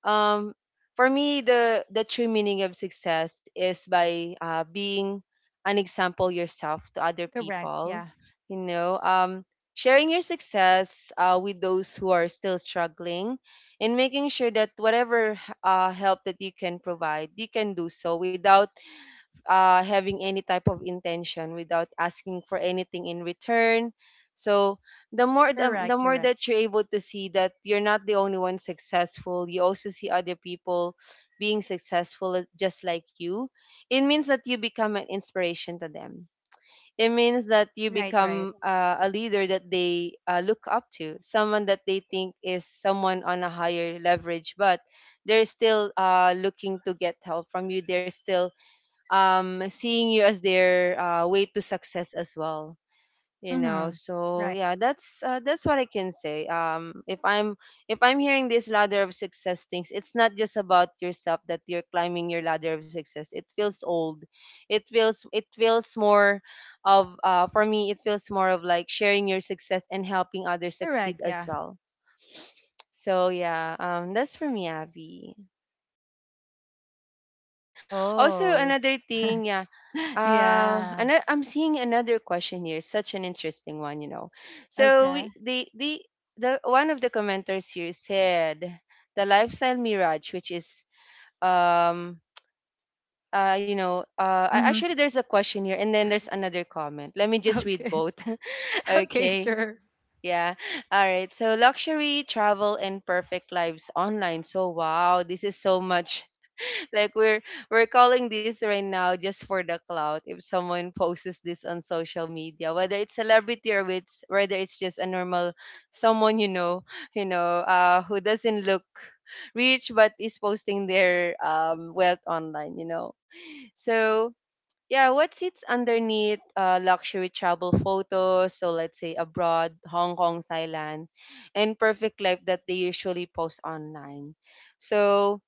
S2: um for me, the true meaning of success is by being an example yourself to other
S1: Correct.
S2: people,
S1: Yeah.
S2: you know. Sharing your success with those who are still struggling, and making sure that whatever help that you can provide, you can do so without having any type of intention, without asking for anything in return. So the
S1: Correct.
S2: more
S1: Correct.
S2: that you're able to see that you're not the only one successful, you also see other people being successful just like you. It means that you become an inspiration to them. It means that you
S1: Right. Right.
S2: become a leader that they look up to, someone that they think is someone on a higher leverage, but they're still looking to get help from you. They're still seeing you as their way to success as well, you know.
S1: Mm-hmm.
S2: So
S1: Right.
S2: yeah, that's what I can say. If I'm hearing this ladder of success things, it's not just about yourself that you're climbing your ladder of success. It feels old, it feels more of, for me it feels more of like sharing your success and helping others succeed
S1: Correct.
S2: as
S1: Yeah.
S2: well. So yeah, that's for me, Abby. Also
S1: Oh.
S2: another thing, yeah.
S1: Yeah.
S2: And I'm seeing another question here. Such an interesting one, you know. So
S1: Okay.
S2: we, the one of the commenters here said the lifestyle mirage, which is um
S1: Mm-hmm.
S2: actually there's a question here and then there's another comment. Let me just read
S1: Okay.
S2: both.
S1: Okay.
S2: Okay.
S1: Sure.
S2: Yeah. All right. So luxury travel and perfect lives online. So wow, this is so much like we're calling this right now just for the clout. If someone posts this on social media, whether it's celebrity or it's just a normal someone, you know, who doesn't look rich but is posting their wealth online, you know. So yeah, what sits underneath luxury travel photos? So let's say abroad, Hong Kong, Thailand, and perfect life that they usually post online. So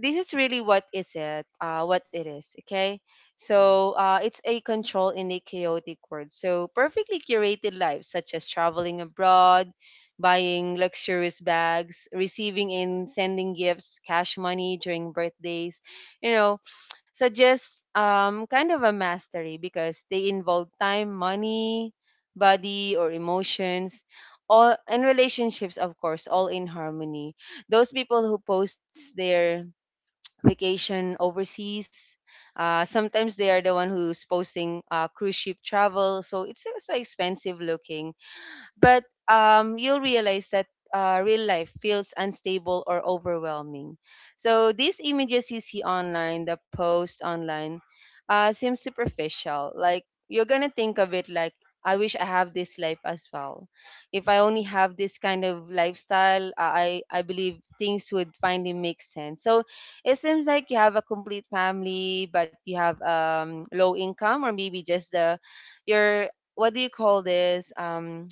S2: this is really what it is. Okay, so it's a control in a chaotic world. So perfectly curated lives, such as traveling abroad, buying luxurious bags, receiving and sending gifts, cash money during birthdays, you know, suggests kind of a mastery, because they involve time, money, body or emotions, all and relationships, of course, all in harmony. Those people who post their vacation overseas. Sometimes they are the one who's posting cruise ship travel, so it's so expensive looking. But you'll realize that real life feels unstable or overwhelming. So these images you see online, the post online, seems superficial. Like, you're gonna think of it like, "I wish I have this life as well. If I only have this kind of lifestyle, I believe things would finally make sense." So it seems like you have a complete family, but you have low income, or maybe just the your what do you call this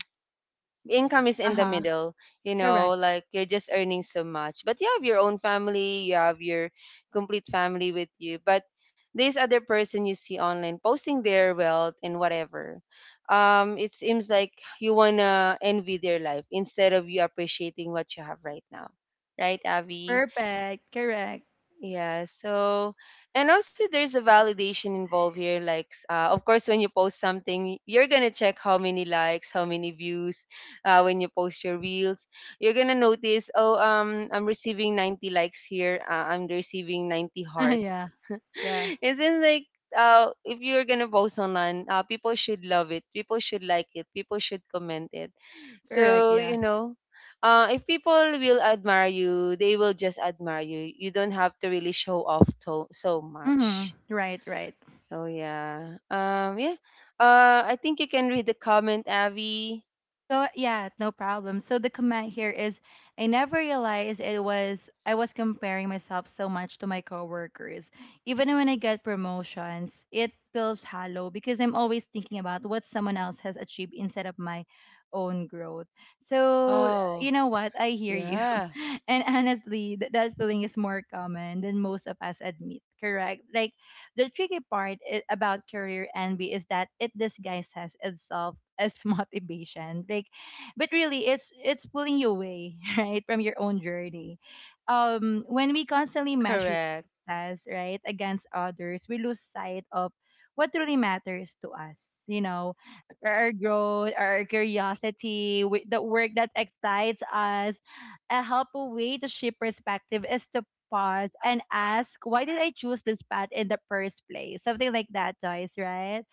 S2: income is
S1: Uh
S2: in the
S1: huh.
S2: middle, you know,
S1: Correct.
S2: like you're just earning so much, but you have your own family, you have your complete family with you. But this other person you see online posting their wealth and whatever, it seems like you wanna envy their life instead of you appreciating what you have right now, right, Avi?
S1: Perfect. Correct.
S2: Yeah. So, and also there's a validation involved here. Like, of course, when you post something, you're gonna check how many likes, how many views. When you post your reels, you're gonna notice, oh, I'm receiving 90 likes here. I'm receiving 90 hearts.
S1: Yeah. Yeah.
S2: Isn't like, if you're gonna post online, people should love it, people should like it, people should comment it.
S1: Correct.
S2: So
S1: Yeah.
S2: you know, if people will admire you, they will just admire you. You don't have to really show off so
S1: Hmm.
S2: much.
S1: Right. Right.
S2: So yeah, yeah. I think you can read the comment, Abby.
S1: So yeah, no problem. So the comment here is, I never realized it was I was comparing myself so much to my coworkers. Even when I get promotions, it feels hollow because I'm always thinking about what someone else has achieved instead of my own growth. So you
S2: Oh,
S1: know what? I hear you.
S2: yeah,
S1: And honestly, that feeling is more common than most of us admit, correct? Like, the tricky part about career envy is that it disguises itself as motivation. Like, but really, it's pulling you away, right, from your own journey. When we constantly measure
S2: correct,
S1: success, right, against others, we lose sight of what truly matters to us. You know, our growth, our curiosity, the work that excites us. A helpful way to shift perspective is to pause and ask, why did I choose this path in the first place? Something like that, Joyce, right?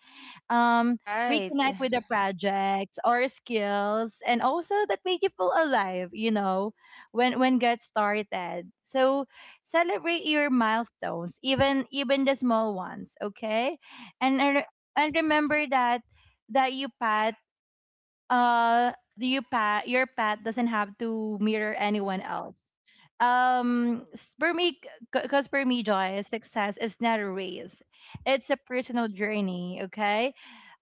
S1: Um,
S2: right.
S1: reconnect with the projects or skills and also that make you feel alive, you know, when get started. So celebrate your milestones, even even the small ones, okay? And I re- and remember that you path uh you pet your pet doesn't have to mirror anyone else. For me, because for me, Joy, success is not a race. It's a personal journey, okay?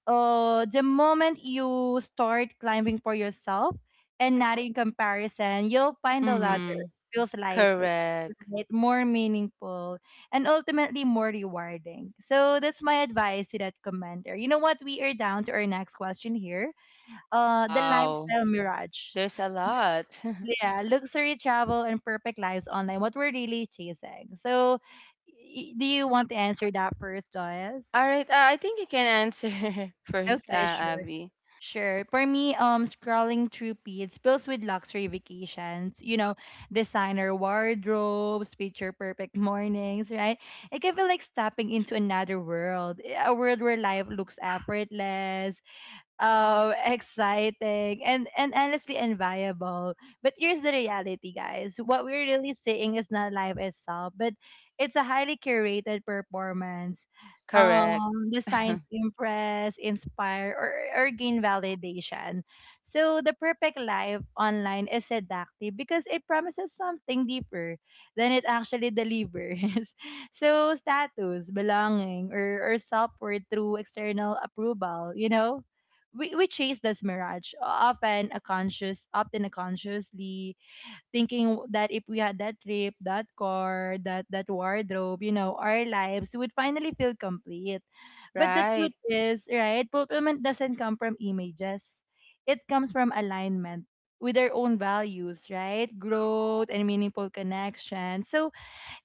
S1: Uh, the moment you start climbing for yourself and not in comparison, you'll find the ladder
S2: Mm-hmm.
S1: feels lighter,
S2: Correct.
S1: right? More meaningful and ultimately more rewarding. So that's my advice to that commenter. You know what, we are down to our next question here, uh, the
S2: Wow,
S1: lifestyle mirage.
S2: there's a lot.
S1: Yeah, luxury travel and perfect lives online. What we're really chasing. So, do you want to answer that first, Joyce?
S2: All right, I think you can answer first,
S1: Okay, sure.
S2: Abby.
S1: Sure. For me, scrolling through feeds fills with luxury vacations, you know, designer wardrobes, picture perfect mornings, right? It can feel like stepping into another world, eh, a world where life looks effortless, um, exciting and honestly enviable. But here's the reality, guys, what we're really seeing is not life itself, but it's a highly curated performance,
S2: Correct.
S1: um, designed to impress, inspire, or gain validation. So the perfect life online is seductive because it promises something deeper than it actually delivers. So status, belonging, or self-worth through external approval, you know. We chase this mirage often a conscious, often a consciously thinking that if we had that trip, that car, that that wardrobe, you know, our lives would finally feel complete. But the
S2: Right.
S1: truth is, right, fulfillment doesn't come from images. It comes from alignment with our own values, right? Growth and meaningful connection. So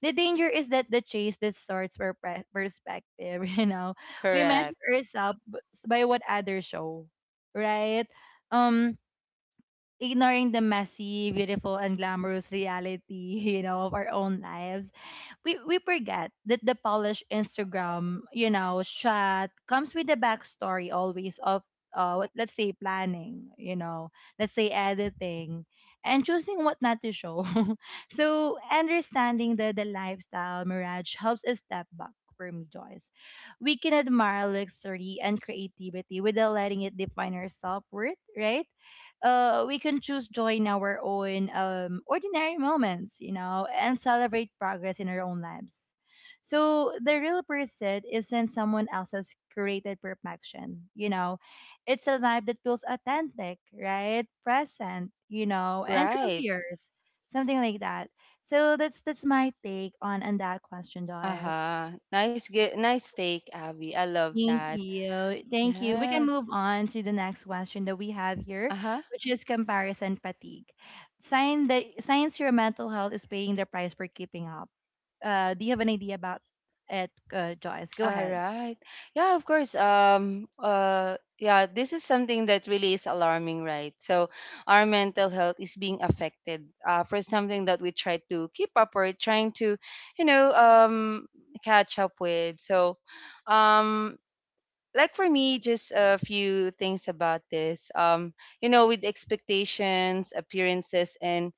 S1: the danger is that the chase distorts our perspective, you know. We
S2: Correct.
S1: measure ourselves by what others show, right? Um, ignoring the messy, beautiful, and glamorous reality, you know, of our own lives. We forget that the polished Instagram, you know, shot comes with the backstory always of uh, let's say planning, you know, let's say editing, and choosing what not to show. So understanding the lifestyle mirage helps us step back, for me, Joyce. We can admire luxury and creativity without letting it define our self worth, right? Uh, we can choose joy in our own ordinary moments, you know, and celebrate progress in our own lives. So the real pursuit isn't someone else's created perfection, you know. It's a life that feels authentic, right? Present, you know, and truly
S2: Right.
S1: yours. Something like that. So that's my take on that question, Joyce.
S2: Uh-huh. Nice nice take, Abby. I love
S1: Thank
S2: that.
S1: you. Thank you. We can move
S2: Yes.
S1: on to the next question that we have here,
S2: Uh-huh.
S1: which is comparison fatigue. Sign that science your mental health is paying the price for keeping up. Do you have an idea about it, Joyce? Go
S2: All
S1: ahead.
S2: right. Yeah, of course. Yeah, this is something that really is alarming, right? So our mental health is being affected for something that we try to keep up or trying to, you know, catch up with. So um like for me, just a few things about this. You know, with expectations, appearances and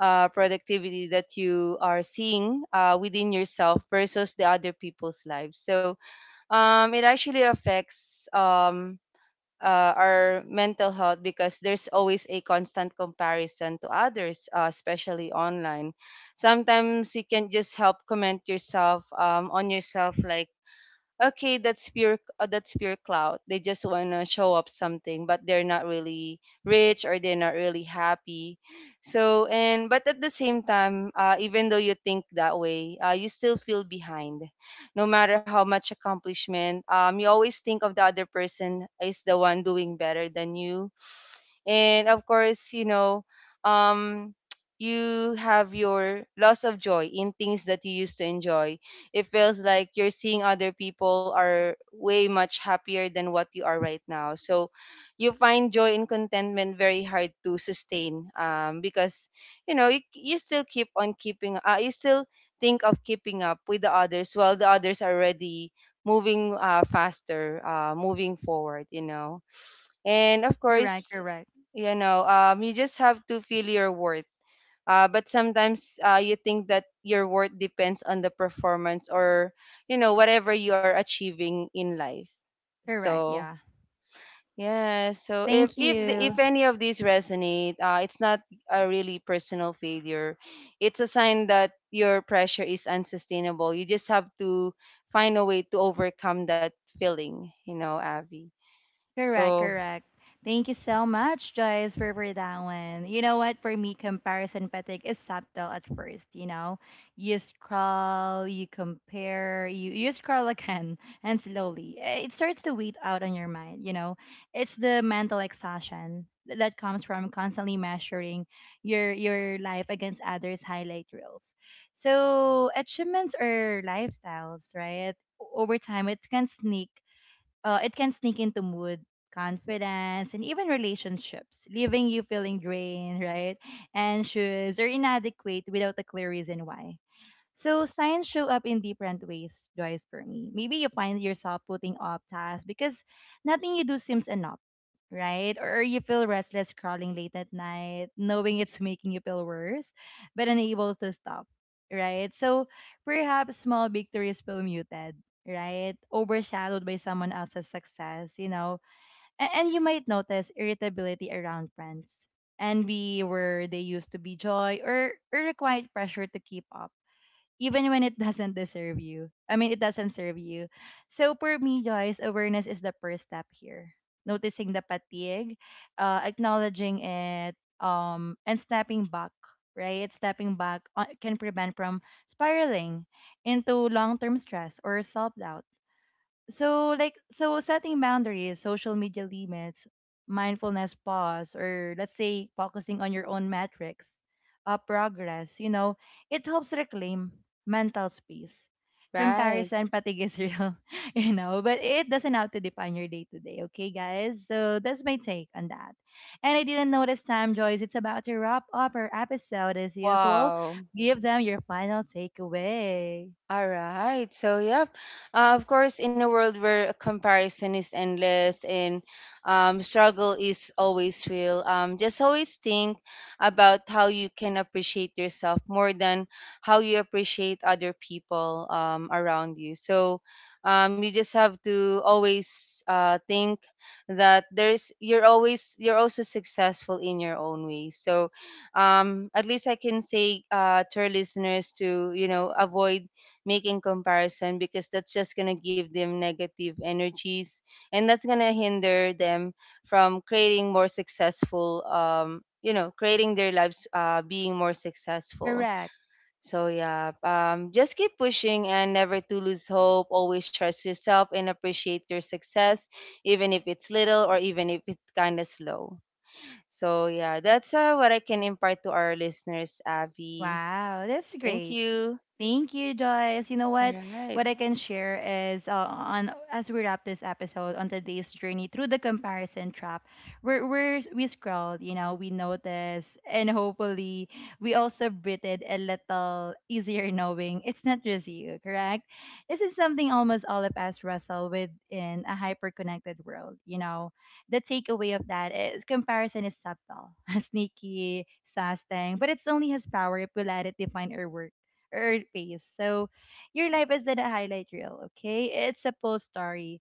S2: productivity that you are seeing within yourself versus the other people's lives. So it actually affects our mental health, because there's always a constant comparison to others, especially online. Sometimes you can just help comment yourself on yourself, like, "Okay, that's pure clout. They just want to show up something, but they're not really rich or they're not really happy." So, and but at the same time, even though you think that way, you still feel behind. No matter how much accomplishment, you always think of the other person is the one doing better than you. And of course, you know, um you have your loss of joy in things that you used to enjoy. It feels like you're seeing other people are way much happier than what you are right now. So you find joy and contentment very hard to sustain, because you know, you still keep on keeping you still think of keeping up with the others, while the others are already moving forward, you know. And of
S1: Correct,
S2: course,
S1: correct,
S2: you know, you just have to feel your worth, but sometimes you think that your worth depends on the performance or, you know, whatever you are achieving in life.
S1: correct.
S2: So
S1: Yeah.
S2: yeah, so
S1: Thank you.
S2: if any of these resonate, it's not a really personal failure, it's a sign that your pressure is unsustainable. You just have to find a way to overcome that feeling, you know, Abby.
S1: Correct,
S2: So
S1: correct. Thank you so much, Joyce, for that one. You know what? For me, comparison fatigue is subtle at first. You know, you scroll, you compare, you scroll again, and slowly, eh, it starts to weed out on your mind. You know, it's the mental exhaustion that comes from constantly measuring your life against others' highlight reels. So achievements or lifestyles, right? Over time, it can sneak into mood, confidence, and even relationships, leaving you feeling drained, right? Anxious or inadequate without a clear reason why. So signs show up in different ways, Joyce, for me. Maybe you find yourself putting off tasks because nothing you do seems enough, right? Or you feel restless crawling late at night, knowing it's making you feel worse, but unable to stop, right? So perhaps small victories feel muted, right? Overshadowed by someone else's success, you know? And you might notice irritability around friends, envy where they used to be joy, or a quiet pressure to keep up even when it doesn't deserve you. I mean, it doesn't serve you. So for me, Joyce, awareness is the first step here. Noticing the fatigue, acknowledging it, and stepping back. Right, stepping back, can prevent from spiraling into long-term stress or self-doubt. So, like, so setting boundaries, social media limits, mindfulness pause, or let's say focusing on your own metrics, progress, you know, it helps reclaim mental space.
S2: right,
S1: Comparison fatigue is real, you know, but it doesn't have to define your day to day, okay, guys? So that's my take on that. And I didn't notice time, Joyce. It's about to wrap up our episode as usual.
S2: wow.
S1: Give them your final takeaway.
S2: All right. So, yep. Of course, in a world where comparison is endless and struggle is always real, just always think about how you can appreciate yourself more than how you appreciate other people around you. So, you just have to always think that there's you're always, you're also successful in your own way. So, at least I can say to our listeners, to, you know, avoid making comparison, because that's just going to give them negative energies, and that's going to hinder them from creating more successful you know, creating their lives, being more successful.
S1: Correct.
S2: So yeah, just keep pushing and never to lose hope. Always trust yourself and appreciate your success, even if it's little or even if it's kind of slow. So yeah, that's what I can impart to our listeners, Avi.
S1: Wow, that's
S2: Thank
S1: great.
S2: you.
S1: Thank you, Joyce. You know
S2: All
S1: what?
S2: right.
S1: What I can share is on as we wrap this episode on today's journey through the comparison trap, we're, we scrolled, you know, we noticed, and hopefully we also breathed a little easier knowing it's not just you, correct? This is something almost all of us wrestle with in a hyper-connected world, you know. The takeaway of that is comparison is subtle, sneaky, sasting, but it's only has power if we let it define our work or our pace. So your life isn't a highlight reel, okay? It's a full story.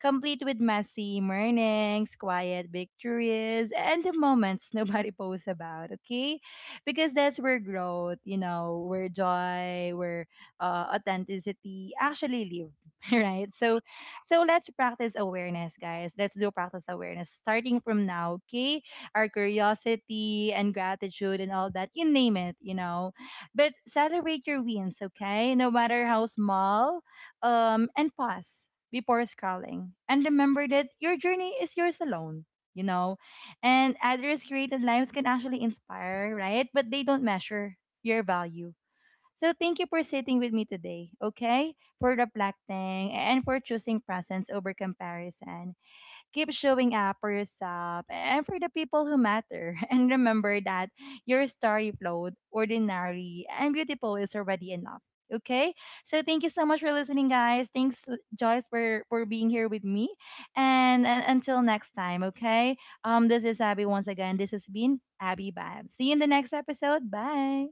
S1: Complete with messy mornings, quiet victories, and the moments nobody posts about, okay? Because that's where growth, you know, where joy, where authenticity actually live, right? So, so let's practice awareness, guys. Let's do practice awareness starting from now, okay? Our curiosity and gratitude and all that, you name it, you know. But celebrate your wins, okay? No matter how small, and pause before scrolling. And remember that your journey is yours alone, you know. And others' created lives can actually inspire, right? But they don't measure your value. So thank you for sitting with me today, okay? For reflecting and for choosing presence over comparison. Keep showing up for yourself and for the people who matter. And remember that your story flowed, ordinary, and beautiful is already enough. Okay, so thank you so much for listening, guys. Thanks, Joyce, for being here with me. And until next time, okay? This is Abby once again. This has been Abby Babs. See you in the next episode. Bye.